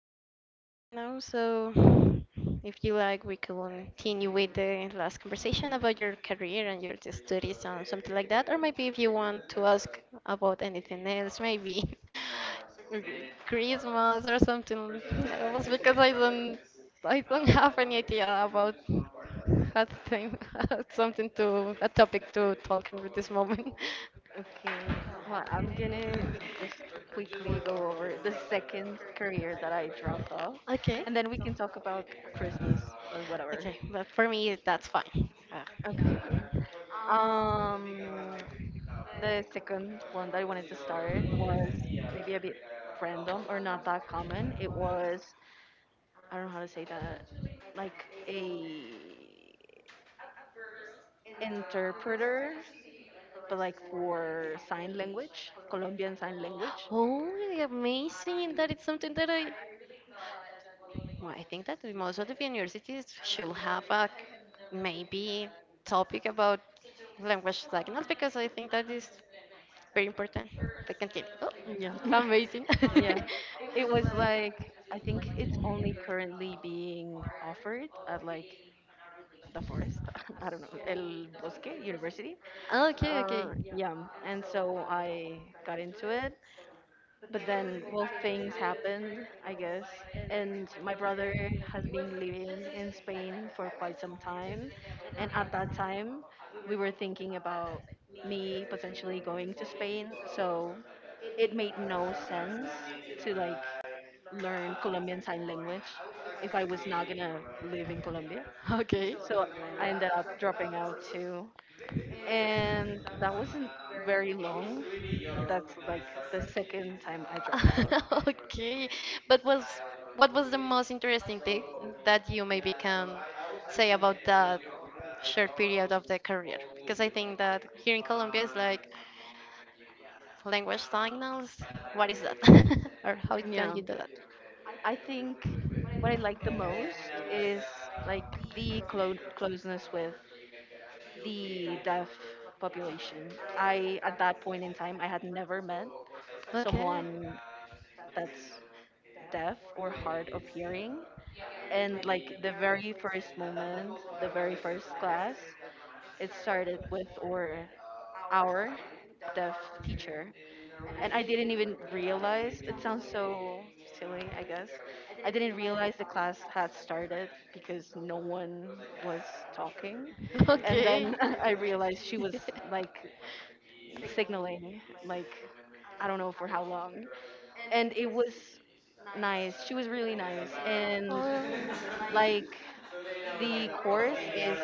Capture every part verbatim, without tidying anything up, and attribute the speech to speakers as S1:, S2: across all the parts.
S1: recording right now, so if you like, we can continue with the last conversation about your career and your studies and something like that, or maybe if you want to ask about anything else, maybe
S2: Okay.
S1: Christmas or something else, because I don't, I don't have any idea about how to think- something to a topic to talk about this moment.
S2: Okay, well, I'm gonna just quickly go over the second career that I dropped off,
S1: Okay.
S2: and then we can talk about Christmas or
S1: Okay,
S2: whatever.
S1: but for me, that's fine. Uh,
S2: Okay. Um, the second one that I wanted to start was maybe a bit random or not that common. It was I don't know how to say that, like a interpreter, but like for sign language, Colombian sign language.
S1: oh, amazing! That is something that I. Well, I think that the most of the universities should have a maybe topic about language diagonals because I think that is very important. But continue. Oh,
S2: Yeah.
S1: amazing.
S2: Yeah, it was like I think it's only currently being offered at like the forest. I don't know, El Bosque University.
S1: Okay, okay.
S2: Uh, yeah, and so I got into it. But then, well, things happened, I guess. And my brother has been living in Spain for quite some time. And at that time, we were thinking about me potentially going to Spain. So it made no sense to like learn Colombian Sign Language if I was not gonna live in Colombia.
S1: Okay.
S2: So I ended up dropping out too, and that wasn't very long. That's like the second time I dropped out.
S1: Okay, but was what was the most interesting thing that you maybe can say about that short period of the career? Because I think that here in Colombia is like language signals. What is that? Or how can you do that?
S2: I think what I like the most is like the clo- closeness with the deaf population. I at that point in time I had never met
S1: Okay.
S2: someone that's deaf or hard of hearing, and like the very first moment, the very first class, it started with or our deaf teacher and I didn't even realize. It sounds so silly, I guess. I didn't realize the class had started because no one was talking. And
S1: Okay.
S2: then I realized she was like signaling like I don't know for how long. And it was nice. She was really nice. And
S1: Oh,
S2: like the course is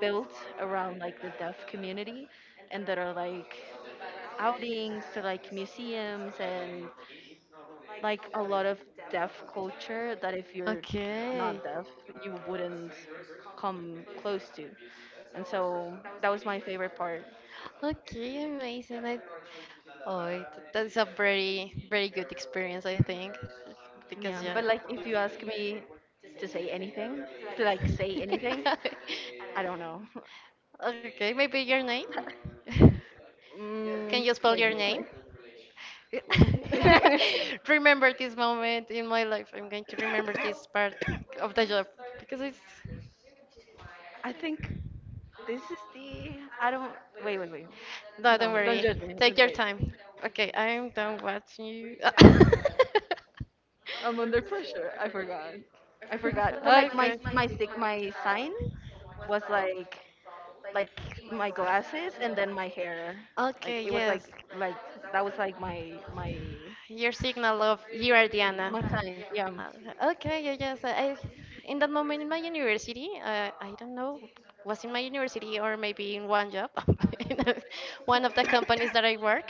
S2: built around like the deaf community, and there are like outings to like museums and like a lot of deaf culture that if you're
S1: okay.
S2: not deaf you wouldn't come close to, and so that was my favorite part.
S1: Okay, amazing. I, oh, it, that is a very, very good experience, I think.
S2: Yeah,
S1: Because, yeah.
S2: but like if you ask me to say anything to like say anything, I don't know.
S1: Okay, maybe your name? Can
S2: Mm,
S1: you spell
S2: wait,
S1: your name?
S2: wait, wait.
S1: Remember this moment in my life. I'm going to remember this part of the job because it's.
S2: I think this is the. I don't. Wait, wait, wait.
S1: No, don't
S2: No, don't
S1: worry.
S2: judge me. Uh,
S1: Take your
S2: Wait,
S1: time. Okay, I'm done watching you.
S2: I'm under pressure. I forgot. I forgot. But like my
S1: Okay.
S2: my sig- my sign was like like my glasses and then my hair. Like
S1: Okay,
S2: it was like
S1: yes.
S2: like that was like my my
S1: Your signal of you are Diana.
S2: My sign. Yeah,
S1: Uh, Okay, yeah, yes. I, in that moment in my university, uh, I don't know, was in my university or maybe in one job, in a- one of the companies that I work.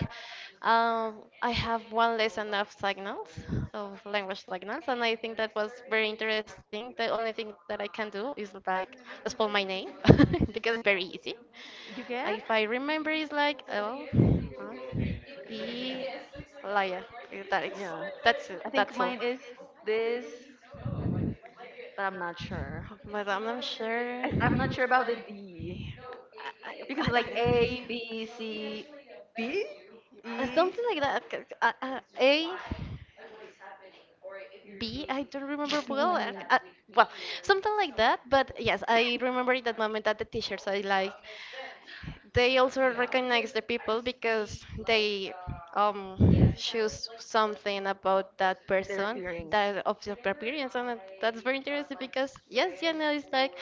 S1: Um, I have one lesson of signals, of language signals, and I think that was very interesting. The only thing that I can do is like spell my name because it's very easy.
S2: you get?
S1: If I remember, it's like L I E Laya. That is,
S2: Yeah.
S1: that's it,
S2: I think
S1: that's all.
S2: mine is this, but I'm not sure.
S1: But I'm not
S2: I,
S1: sure.
S2: I'm not sure about the D.
S1: I,
S2: Because like A,
S1: I,
S2: B, C, D,
S1: I, uh,
S2: E,
S1: something like that. c- c- Uh, uh, A, B, I don't remember well. Uh,
S2: mm,
S1: uh, well, something like that. But yes, I remember that moment at the T-shirts I liked. They also recognize the people because they um choose something about that
S2: they
S1: person
S2: earrings.
S1: that of their appearance, and that- that's very interesting because yes, Yana is like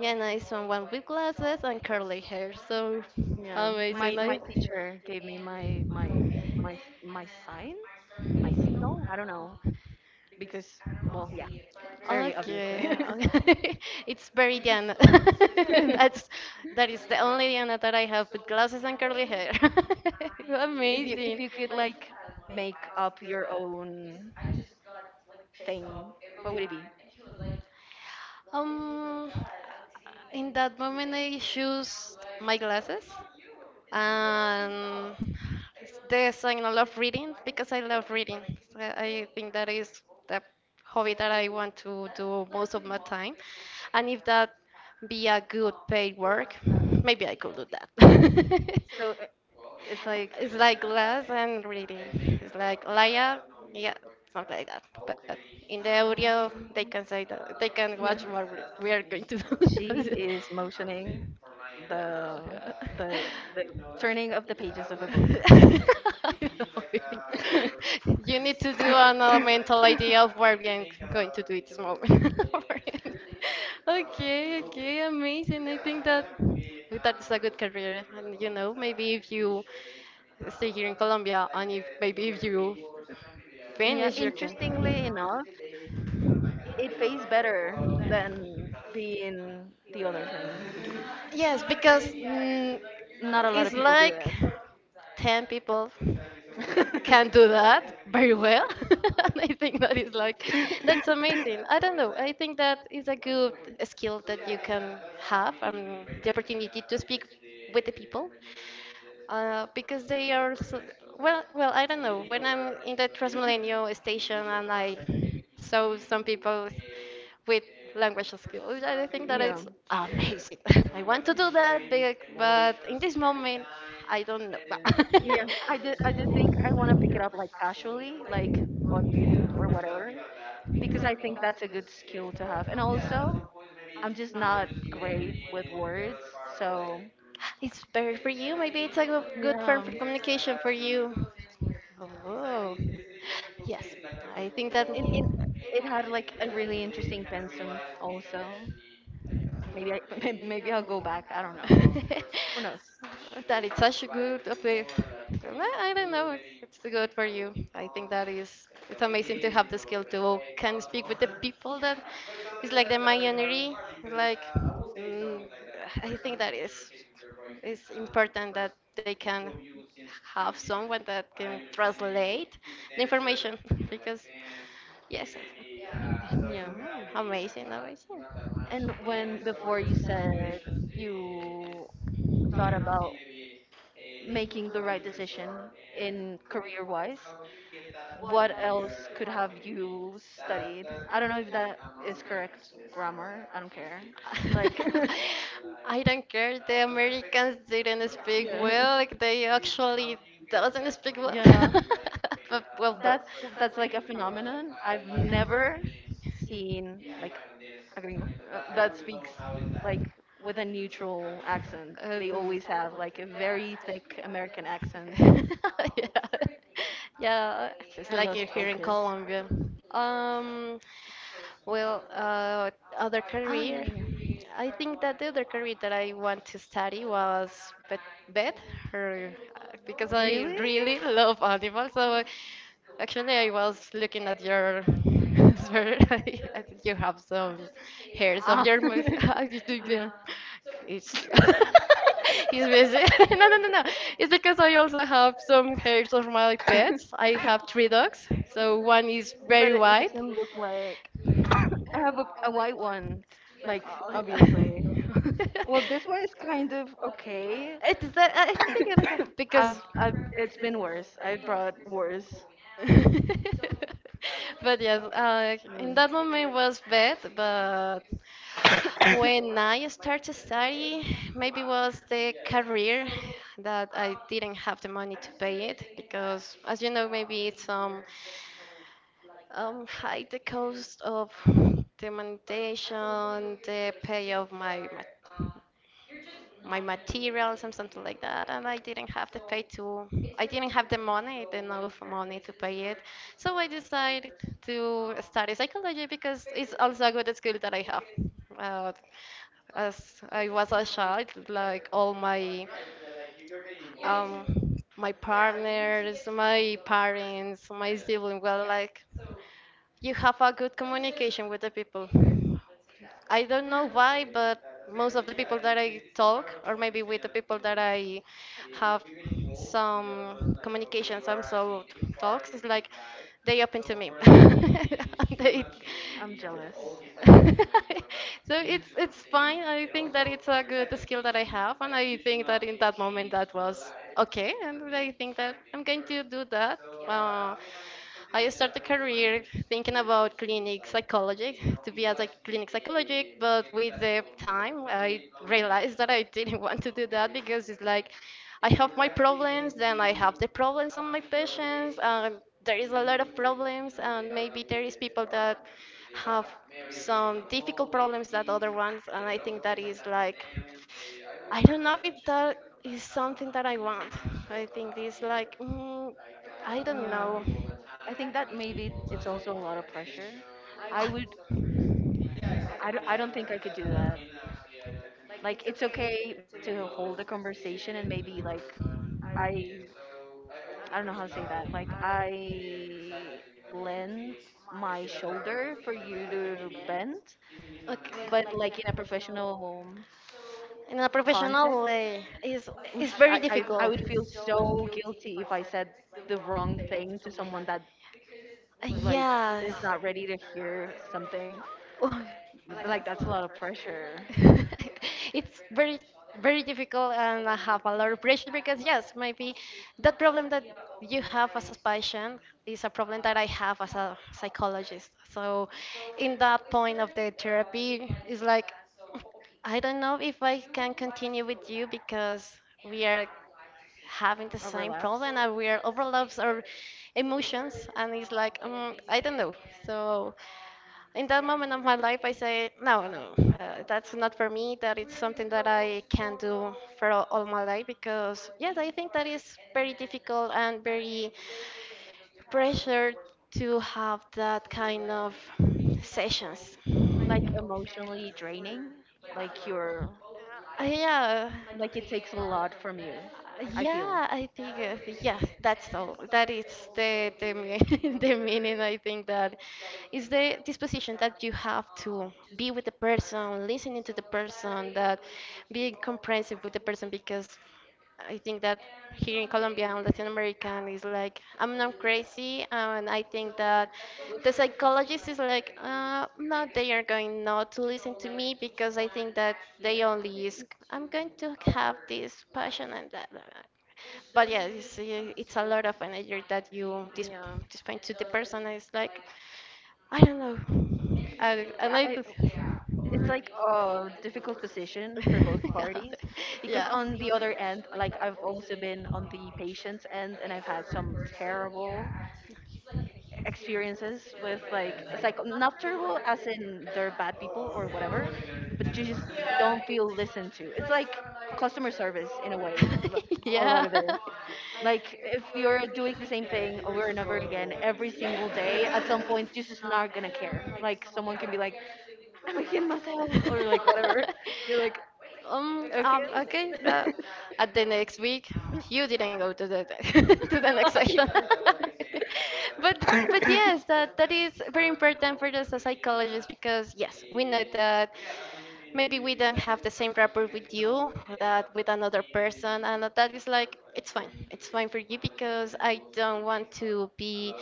S1: Yana is someone with glasses and curly hair. So
S2: Yeah,
S1: amazing.
S2: my my
S1: I,
S2: teacher gave me my my my my sign, my signal. I don't know, because well, yeah, very obviously.
S1: Okay, okay. It's very Diana. That's that is the only Diana that I have with glasses and curly hair.
S2: If you if
S1: Amazing.
S2: you could like make up your own thing, what would it be?
S1: Um, in that moment I choose my glasses and it's the signal of reading because I love reading. So I think that is the hobby that I want to do most of my time. And if that be a good paid work, maybe I could do that.
S2: So uh, it's like.
S1: It's like glass and reading. It's like Laya, yeah, something like that.
S2: Oh,
S1: But in the audio, they can say that they can watch
S2: yeah.
S1: what we we are going to
S2: She
S1: do.
S2: is motioning the the the turning of the pages of a book.
S1: I know it. You need to do an uh, mental idea of where we are going to do it this moment. Okay, okay, amazing. I think that that is a good career, and you know, maybe if you stay here in Colombia, and if maybe if you
S2: Yeah,
S1: finish your
S2: interestingly
S1: can.
S2: enough, it pays better than being the other thing.
S1: Yes, because mm,
S2: Not a lot of
S1: it's
S2: people do
S1: like
S2: that.
S1: ten people can do that very well. And I think that is like, that's amazing. I don't know. I think that is a good skill that you can have and the opportunity to speak with the people uh, because they are so, well well I don't know when I'm in the Transmilenio station and I saw some people with language skills. I think that
S2: yeah.
S1: it's amazing. I want to do that, but but in this moment, I don't know.
S2: Yeah, I just I just think I want to pick it up like casually, like on YouTube or whatever, because I think that's a good skill to have. And also, I'm just not great with words, so.
S1: It's better for you. Maybe it's a go- good form
S2: Yeah.
S1: for communication for you. Oh, yes. I think that
S2: It, it, it had like a really interesting pensum also. Maybe I maybe I'll go back. I don't know. Who knows?
S1: that it's such a good update. Well, I don't know. It's good for you. I think that is it's amazing to have the skill to can speak with the people that it's like the pioneering. Like mm, I think that is it's important that they can have someone that can translate the information because yes. Mm,
S2: Yeah.
S1: amazing, amazing.
S2: And when before you said you thought about making the right decision in career wise, what else could have you studied? I don't know if that is correct grammar. I don't care. Like,
S1: I don't care. The Americans didn't speak
S2: yeah.
S1: well. Like, they actually doesn't speak well.
S2: Yeah.
S1: but, well, but,
S2: That's that's like a phenomenon I've never seen, like a gringo uh, that speaks like with a neutral accent.
S1: uh,
S2: They
S1: mm.
S2: always have like a very thick American accent.
S1: yeah. Yeah, it's
S2: I
S1: like you're
S2: lost
S1: here in
S2: focus.
S1: Colombia. Um, well, uh, other
S2: Ah, yeah,
S1: career.
S2: yeah.
S1: I think that the other career that I want to study was vet, vet her, uh, because I
S2: Really?
S1: really love animals. So I- actually, I was looking at your sweater. I I think you have some hairs of
S2: Ah,
S1: your mouth. You do the-
S2: yeah.
S1: it's he's busy. No, no, no, no. It's because I also have some hairs of my pets. I have three dogs. So one is
S2: But
S1: very
S2: it, it
S1: white.
S2: doesn't look like I have a, a white one, like
S1: Oh,
S2: obviously. Well, this one is kind of okay.
S1: It is that I think it,
S2: I've,
S1: because
S2: I've, it's been worse. I brought worse.
S1: But yes, uh, in
S2: Um,
S1: that moment was bad, but when I started study, maybe was the career that I didn't have the money to pay it because, as you know, maybe it's um, um high the cost of the monetization, the pay of my, my my materials and something like that, and I didn't have the pay to I didn't have the money enough money to pay it, so I decided to study psychology because it's also a good skill that I have, uh, as I was a child, like all my um, my partners, my parents, my sibling. Were like you have a good communication with the people. I don't know why, but most of the people that I talk, or maybe with the people that I have some communication, some sort of talks, is like they open to me. They
S2: I'm jealous.
S1: so it's it's fine. I think that it's a good skill that I have, and I think that in that moment that was okay, and I think that I'm going to do that. Uh, I started a career thinking about clinic psychology to be as a clinic psychologist, but with the time I realized that I didn't want to do that because it's like I have my problems, then I have the problems of my patients, and there is a lot of problems, and maybe there is people that have some difficult problems that other ones, and I think that is like I don't know if that is something that I want. I think it's like mm, I don't
S2: Yeah.
S1: know.
S2: I think that maybe it's also a lot of pressure. I would. I don't, I don't think I could do that. Like, it's okay to hold a conversation and maybe, like, I, I don't know how to say that. Like, I lend my shoulder for you to bend,
S1: Okay.
S2: but, like, in a professional
S1: In a professional
S2: context,
S1: way, it's it's
S2: Oosh,
S1: very
S2: I, I,
S1: difficult.
S2: I would feel so guilty if I said the wrong thing to someone that like
S1: Yes.
S2: is not ready to hear something.
S1: Oh,
S2: Th- Like that's a lot of pressure.
S1: it's very very difficult and I have a lot of pressure because yes, maybe that problem that you have as a patient is a problem that I have as a psychologist. So in that point of the therapy it's like I don't know if I can continue with you because we are having the same
S2: Overlaps.
S1: problem and we are overlaps our emotions and it's like um, I don't know. So in that moment of my life, I say, no, no, uh, that's not for me. That is something that I can do for all, all my life because, yes, I think that is very difficult and very pressured to have that kind of sessions.
S2: Like emotionally draining. Like you're
S1: Uh, yeah. Uh,
S2: like it takes a lot from you. I feel.
S1: Yeah, I think uh, yeah, that's all. That is the the me- the meaning I think that it's the disposition that you have to be with the person, listening to the person, that being comprehensive with the person because I think that here in Colombia and Latin American is like I'm not crazy and I think that the psychologist is like uh, no they are going not to listen to me because I think that they only is I'm going to have this passion and that but yeah it's, uh, it's a lot of energy that you dis-
S2: Yeah.
S1: dispense to the person it's like I don't know I I
S2: I,
S1: like
S2: I-
S1: to.
S2: it's like a difficult position for both parties, because on the other end, like I've also been on the patient's end and I've had some terrible experiences with like. It's like not terrible as in they're bad people or whatever, but you just don't feel listened to. It's like customer service in a way. L- a lot
S1: yeah.
S2: of it, like if you're doing the same thing over and over again every single day, at some point you're just not gonna care. Like someone can be like I'm a kid
S1: yeah.
S2: myself or like whatever, you're like
S1: Um,
S2: okay.
S1: um, okay. Uh, at the next week, you didn't go to the to the next session. but but yes, that that is very important for us as psychologists because yes, we know that maybe we don't have the same rapport with you or that with another person, and that is like it's fine. It's fine for you because I don't want to be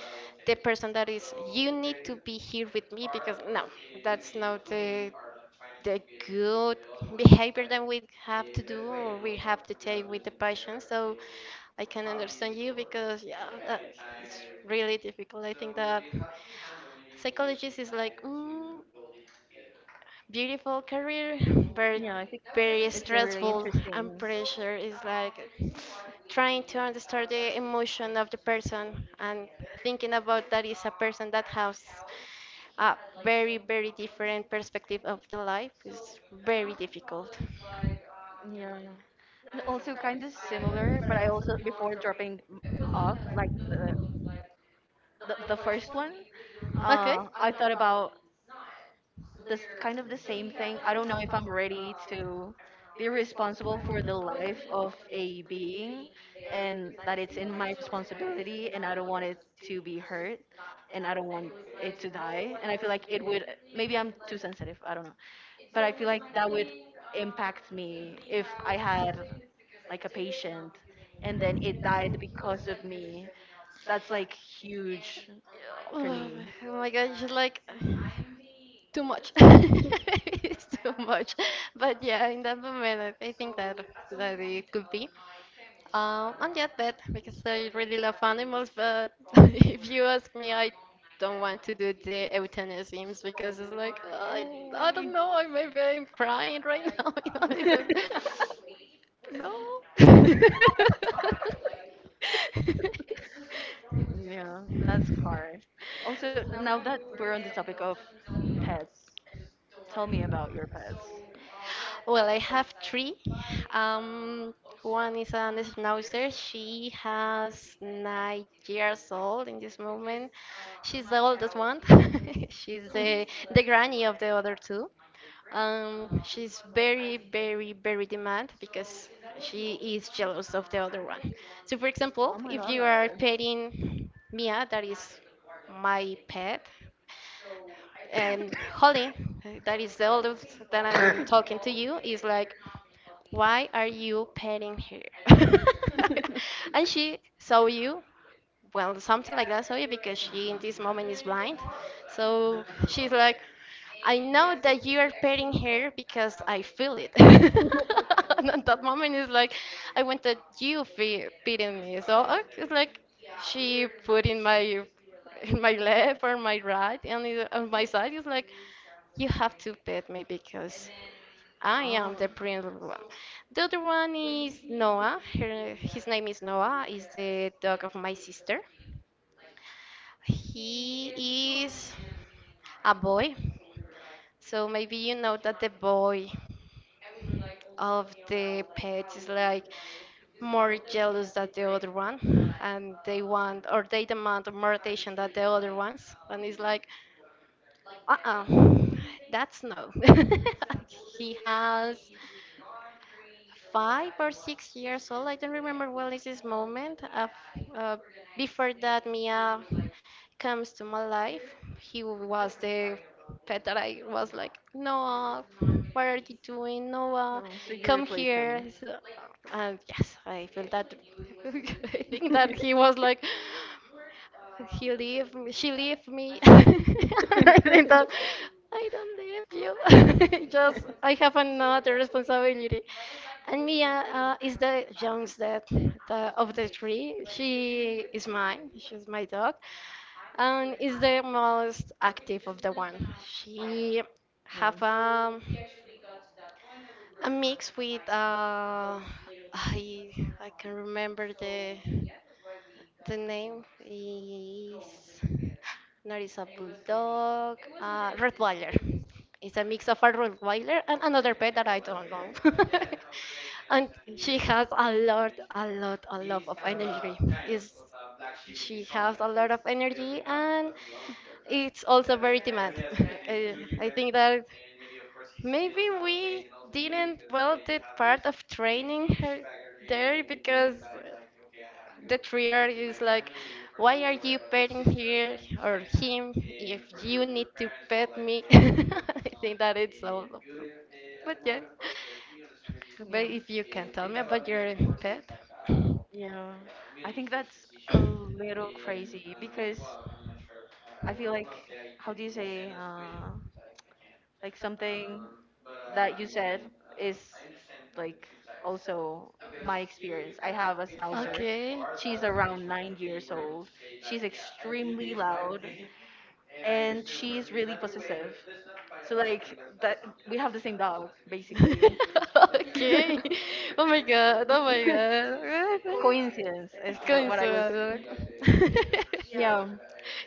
S1: the person that is you need to be here with me because no, that's not the the good behavior that we have to do or we have to take with the patient. So I can understand you because yeah, that it's really difficult. I think that psychologist is like mm, beautiful career, but
S2: yeah, I think
S1: very
S2: it's uh, really
S1: stressful and
S2: interesting.
S1: pressure is like trying to understand the emotion of the person and thinking about that is a person that has a very, very different perspective of the life is very difficult.
S2: Yeah, and also kind of similar, but I also before dropping m- off like the the, the first one, uh, I thought about this kind of the same thing. I don't know if I'm ready to be responsible for the life of a being and that it's in my responsibility, and I don't want it to be hurt and I don't want it to die. And I feel like it would, maybe I'm too sensitive, I don't know. But I feel like that would impact me if I had like a patient and then it died because of me. That's like huge for
S1: Oh
S2: me.
S1: my gosh, like too much. It's too much. But yeah, in that moment, I I think that that it could be. Um, I'm not yet because I really love animals, but if you ask me, I don't want to do the euthanasiums because it's like I, I
S2: Ooh.
S1: don't know. I maybe I'm crying right now. You know, it's like, no.
S2: Yeah, that's hard. Also, now that we're on the topic of pets, tell me about your pets.
S1: Well, I have three. Um, one is an schnauzer. She has nine years old in this moment. She's the oldest one. She's
S2: Hmm.
S1: the the granny of the other two. Um, she's very, very, very demand because she is jealous of the other one. So, for
S2: Oh
S1: example,
S2: my
S1: if
S2: god.
S1: you are petting Mia, that is my pet, and Holly, that is the oldest that I'm talking to you, is like, why are you petting her? And she saw you, well, something like that saw you because she in this moment is blind. So she's like, I know that you are petting her because I feel it. And at that moment, it's like, I want that you fe- petting me. So uh, it's like she put in my in my left or my right, and it- on my side, it's like, you have to pet me because I am the
S2: Oh,
S1: prince. One. The other one is Noah. Her, his name is Noah. Is the dog of my sister. He is a boy. So maybe you know that the boy of the pets is like more jealous than the other one and they want or they demand more attention than the other ones and it's like uh-uh that's no. He has five or six years old, I don't remember well is this moment, uh, f- uh, before that Mia comes to my life, he was the pet that I was like, Noah, what are you doing? Noah,
S2: oh, so you
S1: come
S2: replaced
S1: here.
S2: them.
S1: So- and yes, I feel that. I think that he was like, he leave me, she leave me. I think that I don't leave you. Just I have another responsibility. And Mia uh, is the youngest that, the, of the three. She is mine. She's my dog and is the most active of the one. She
S2: Yeah.
S1: have um, a mix with uh, I I can remember the the name is not is a bulldog, uh, Rottweiler. It's a mix of a Rottweiler and another pet that I don't know. And she has a lot, a lot, a lot of energy. Is she has a lot of energy and it's also very demanding. Uh, I think that maybe we didn't well did part of training her there because the trier is like, why are you petting here or him if you need to pet me? I think that it's all. But yes, but
S2: Yeah.
S1: if you can tell me about your pet.
S2: Yeah. I think that's a little crazy because I feel like, how do you say, uh, like something that you said is like also my experience. I have a schnauzer.
S1: Okay.
S2: She's around nine years old. She's extremely loud and she's really possessive. So like that we have the same dog basically.
S1: Okay. Oh my god. Oh my god.
S2: Coincidence is wh- what I was.
S1: Coincidence.
S2: Yeah,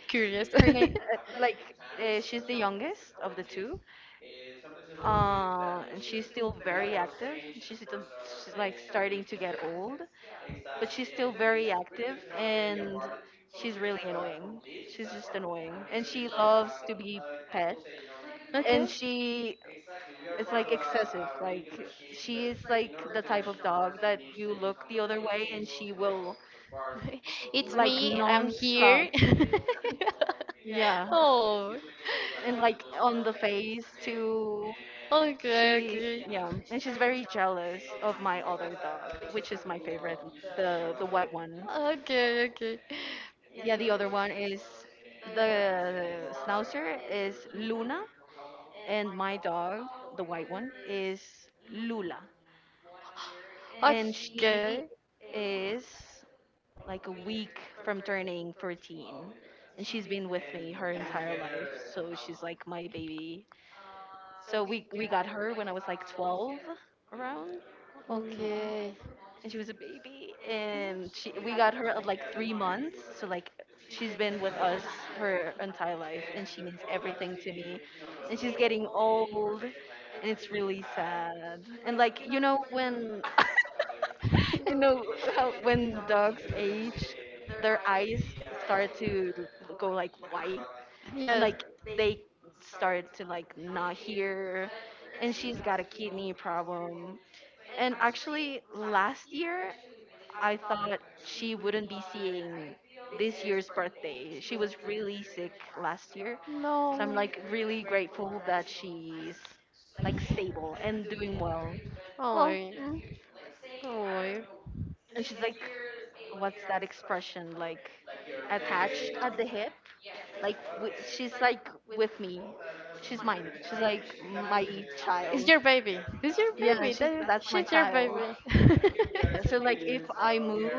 S1: Curious.
S2: her name, uh, like, uh, she's the youngest of the two, uh, and she's still very active. She's still, she's like starting to get old, but she's still very active and she's really annoying. She's just annoying. And she loves to be pet, and
S1: Okay.
S2: she it's like excessive. Like she is like the type of dog that you look the other way and she will
S1: It's
S2: like
S1: me. I'm
S2: non-stop.
S1: here.
S2: Yeah,
S1: Oh.
S2: and like on the face too.
S1: Okay,
S2: She,
S1: okay.
S2: yeah, and she's very jealous of my other dog, which is my favorite, the the white one.
S1: Okay, okay.
S2: Yeah, the other one is the schnauzer is Luna, and my dog, the white one, is Lula, and she
S1: Okay.
S2: is like a week from turning fourteen, and she's been with me her entire life, so she's like my baby. So we we got her when I was like twelve around, mm,
S1: Okay.
S2: and she was a baby, and she we got her at like three months, so like she's been with us her entire life and she means everything to me. And she's getting old and it's really sad. And like you know when. You know how when dogs age, their eyes start to go like white, and
S1: Yes.
S2: like they start to like not hear. And she's got a kidney problem. And actually last year I thought she wouldn't be seeing this year's birthday. She was really sick last year. So I'm
S1: No.
S2: like really grateful that she's like stable and doing well.
S1: Oh.
S2: Well, mm.
S1: Oh.
S2: And she's like, what's that expression? Like attached at the hip? Like wi- she's like with me. She's mine. She's like my
S1: It's
S2: child.
S1: your baby. It's your
S2: Yeah,
S1: baby.
S2: she's
S1: That
S2: that's my
S1: she's your
S2: child.
S1: baby.
S2: Yeah, so like if I move,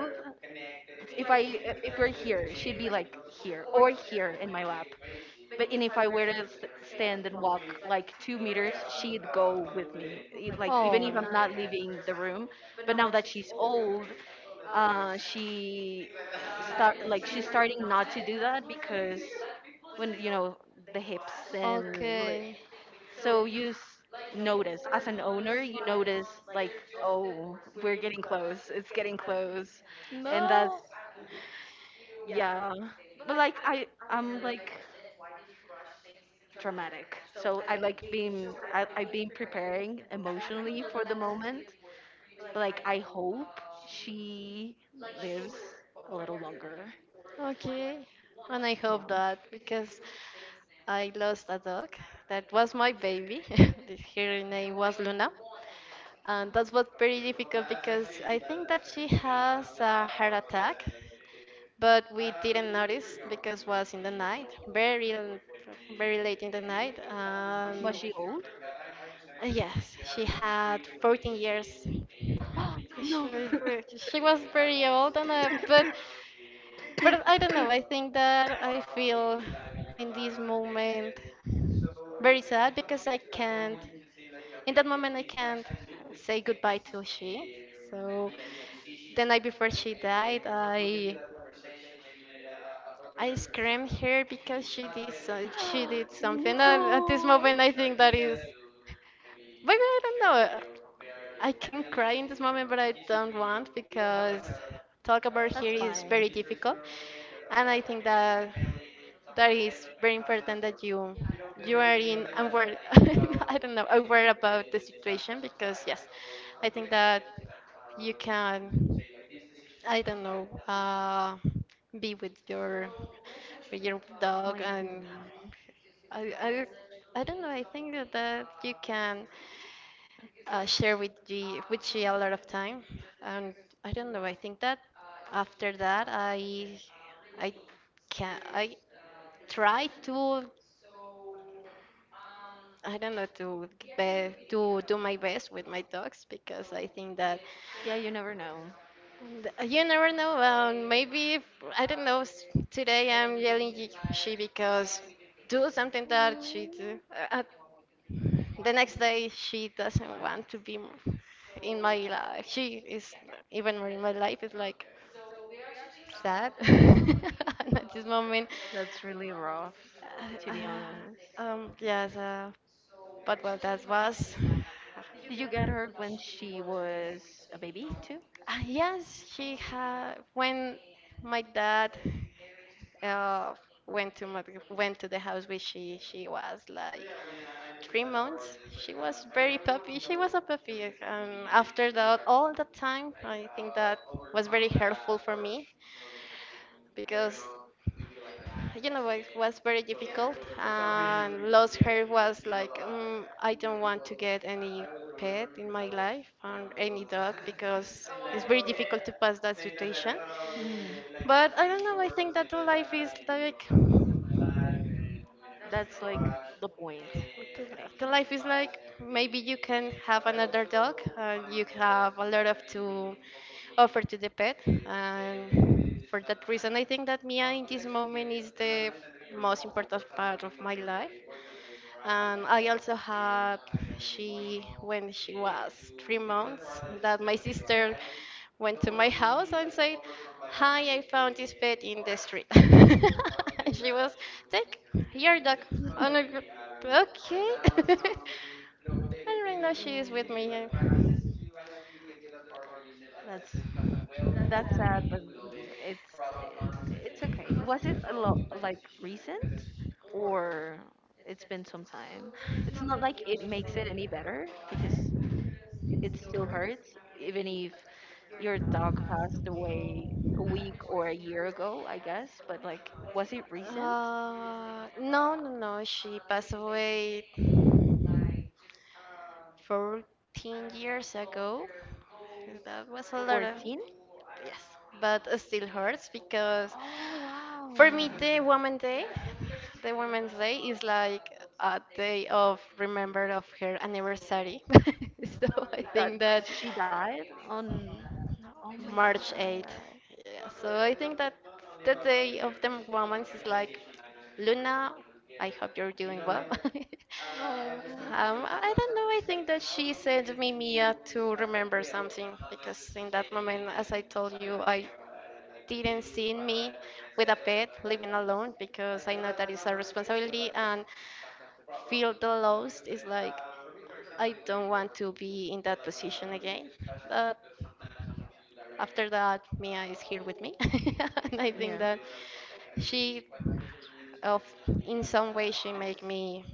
S2: if I if we're here, she'd be like here or here in my lap. But and if I were to s- stand and walk like two meters, she'd go with me. E- Like even
S1: Oh.
S2: if I'm not leaving the room. But now that she's old, uh, she start like she's starting not to do that because when you know the hips and li-
S1: Okay.
S2: so you s- notice, as an owner, you notice like, oh, we're getting close. It's getting close, and that's
S1: No.
S2: yeah. But like I, I'm like dramatic. So I like being, I, I've been preparing emotionally for the moment. But like I hope she lives a little longer.
S1: Okay, and I hope
S2: Yeah.
S1: that because I lost a dog that was my baby. Her name was Luna, and that was very difficult because I think that she has a heart attack, but we didn't notice because was in the night, very l- very late in the night.
S2: Was
S1: Um,
S2: she old?
S1: yes, she had fourteen years.
S2: No. no.
S1: She, she was very old, and uh, but but I don't know. I think that I feel in this moment. Very sad because I can't, in that moment, I can't say goodbye to she. So the night before she died, I I screamed here because she did so, she did something. And at this moment, I think that is, but I don't know. I can cry in this moment, but I don't want because talk about
S2: That's
S1: here is
S2: fine.
S1: very difficult, and I think that that is very important that you you are in aware. I don't know aware about the situation because yes, I think that you can I don't know uh, be with your with your dog
S2: My
S1: and
S2: baby.
S1: I, I I don't know I think that that you can uh, share with the with she a lot of time and I don't know I think that after that I I can I try to I don't know to be, to do my best with my dogs because I think that
S2: Yeah, you never know.
S1: th- you never know. Um, maybe if, I don't know. s- Today I'm yelling y- she because do something that she do. Uh, uh, the next day she doesn't want to be m- in my life. She is even more in my life. It's like sad. At this moment.
S2: That's really rough, to
S1: Uh,
S2: be honest.
S1: uh, um, yes, uh, but well, that was.
S2: Did you get her when she was a baby, too?
S1: Uh, yes, she had when my dad uh, went to my, went to the house where she she was like three months. She was very puppy. She was a puppy, and after that, all the time, I think that was very helpful for me because you know it was very difficult and lost hair was like mm, I don't want to get any pet in my life and any dog because it's very difficult to pass that situation
S2: Mm.
S1: but I don't know I think that life is like
S2: That's like the point.
S1: what the
S2: Like,
S1: afterlife is like maybe you can have another dog and you have a lot of to offer to the pet and for that reason I think that Mia in this moment is the most important part of my life and I also had she when she was three months that my sister went to my house and said, hi, I found this pet in the street. And she was, take your dog. And I, go, okay. And right now she is with me. Yeah.
S2: that's that's sad, but it's it's okay. Was it a lot like recent or it's been some time? It's not like it makes it any better because it still hurts, even if your dog passed away a week or a year ago, I guess. But like, was it recent?
S1: Uh, no, no, no. She passed away fourteen years ago. That was a lot of,
S2: fourteen?
S1: yes, but it still hurts because
S2: Oh wow,
S1: for me the Women's Day, the Women's Day is like a day of remember of her anniversary. So I
S2: that
S1: think that
S2: she died on. Oh my
S1: March
S2: god.
S1: 8th. Yeah, so I think that the day of the women's is like, Luna, I hope you're doing well. Um, I don't know. I think that she sent me Mia to remember something because in that moment, as I told you, I didn't see me with a pet living alone because I know that is a responsibility and feel the loss is like I don't want to be in that position again. But after that, Mia is here with me, and I think
S2: Yeah.
S1: that she, of in some way, she make me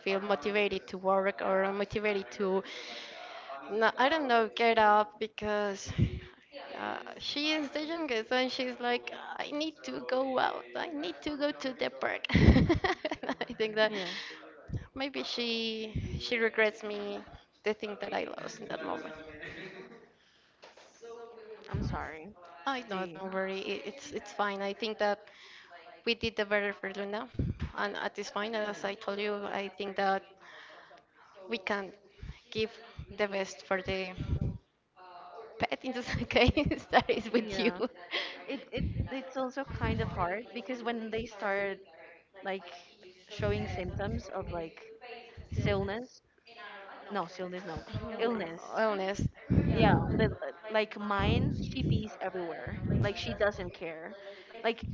S1: feel motivated to work or motivated to. No, I don't know, get up because uh, she is the youngest, and she's like, I need to go out. I need to go to the park. I think that
S2: Yeah.
S1: maybe she she regrets me the thing that I lost in that moment.
S2: I'm sorry.
S1: I know,
S2: The
S1: don't worry. It, it's it's fine. I think that we did the better for Luna, and at this point, as I told you, I think that we can give the best for the pet in this case that is with you.
S2: yeah. Yeah. It it it's also kind of hard because when they start like showing symptoms of like illness, no, illness, no, illness.
S1: Oh, illness.
S2: Yeah, the, like mine, she pees everywhere. Like she doesn't care. Like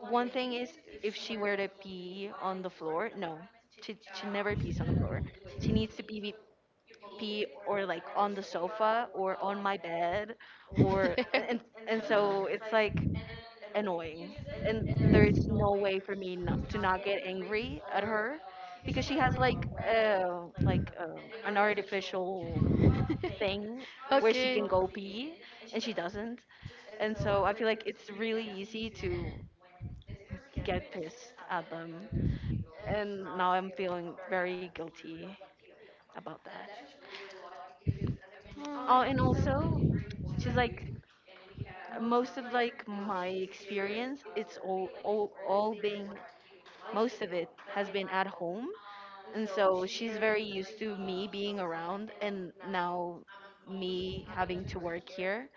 S2: one thing is, if she were to pee on the floor, no, she she never pees on the floor. She needs to pee pee or like on the sofa or on my bed, or and and so it's like annoying. And there's no way for me not, to not get angry at her, because she has like uh like uh, an artificial thing where she
S1: Okay.
S2: can go pee and she doesn't. And so I feel like it's really easy to get pissed at them. And now I'm feeling very guilty about that. Oh, and
S1: Mm.
S2: also she's like most of like my experience it's all all, all being most of it has been at home, and so she's very used to me being around, and now me having to work here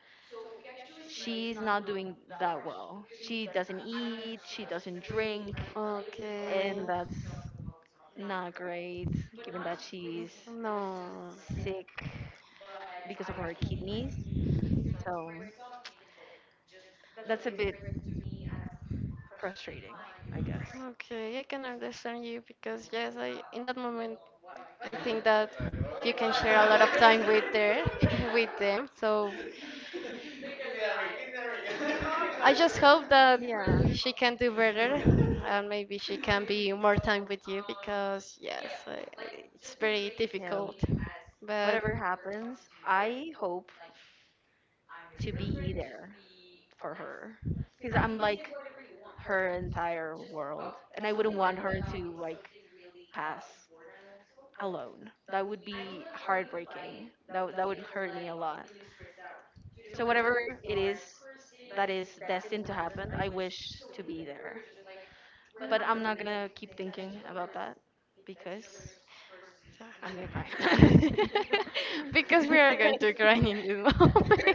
S2: she's not doing that well. She doesn't eat, she doesn't drink,
S1: Okay.
S2: and that's not great given that she's
S1: No.
S2: sick because of her kidneys, so that's a bit frustrating, I guess.
S1: Okay, I can understand you because yes, I in that moment I think that you can share a lot of time with their with them. So I just hope that
S2: Yeah,
S1: she can do better and maybe she can be more time with you because, yes, I, it's very
S2: yeah.
S1: difficult. But
S2: Whatever happens, I hope to be there for her because I'm like her entire world, and I wouldn't want her to like pass alone. That would be heartbreaking. That would- that would hurt me a lot. So whatever it is that is destined to happen, I wish to be there. But I'm not gonna keep thinking about that because I'm gonna cry.
S1: because we are going to grind in this moment.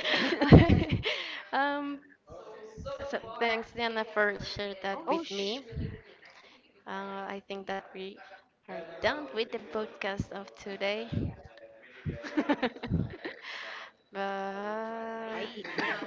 S1: um,
S2: so,
S1: Thanks, Diana, for sharing that
S2: oh
S1: with
S2: sh.
S1: me. Uh, I think that we are done with the podcast of today.
S2: I.
S1: Bye.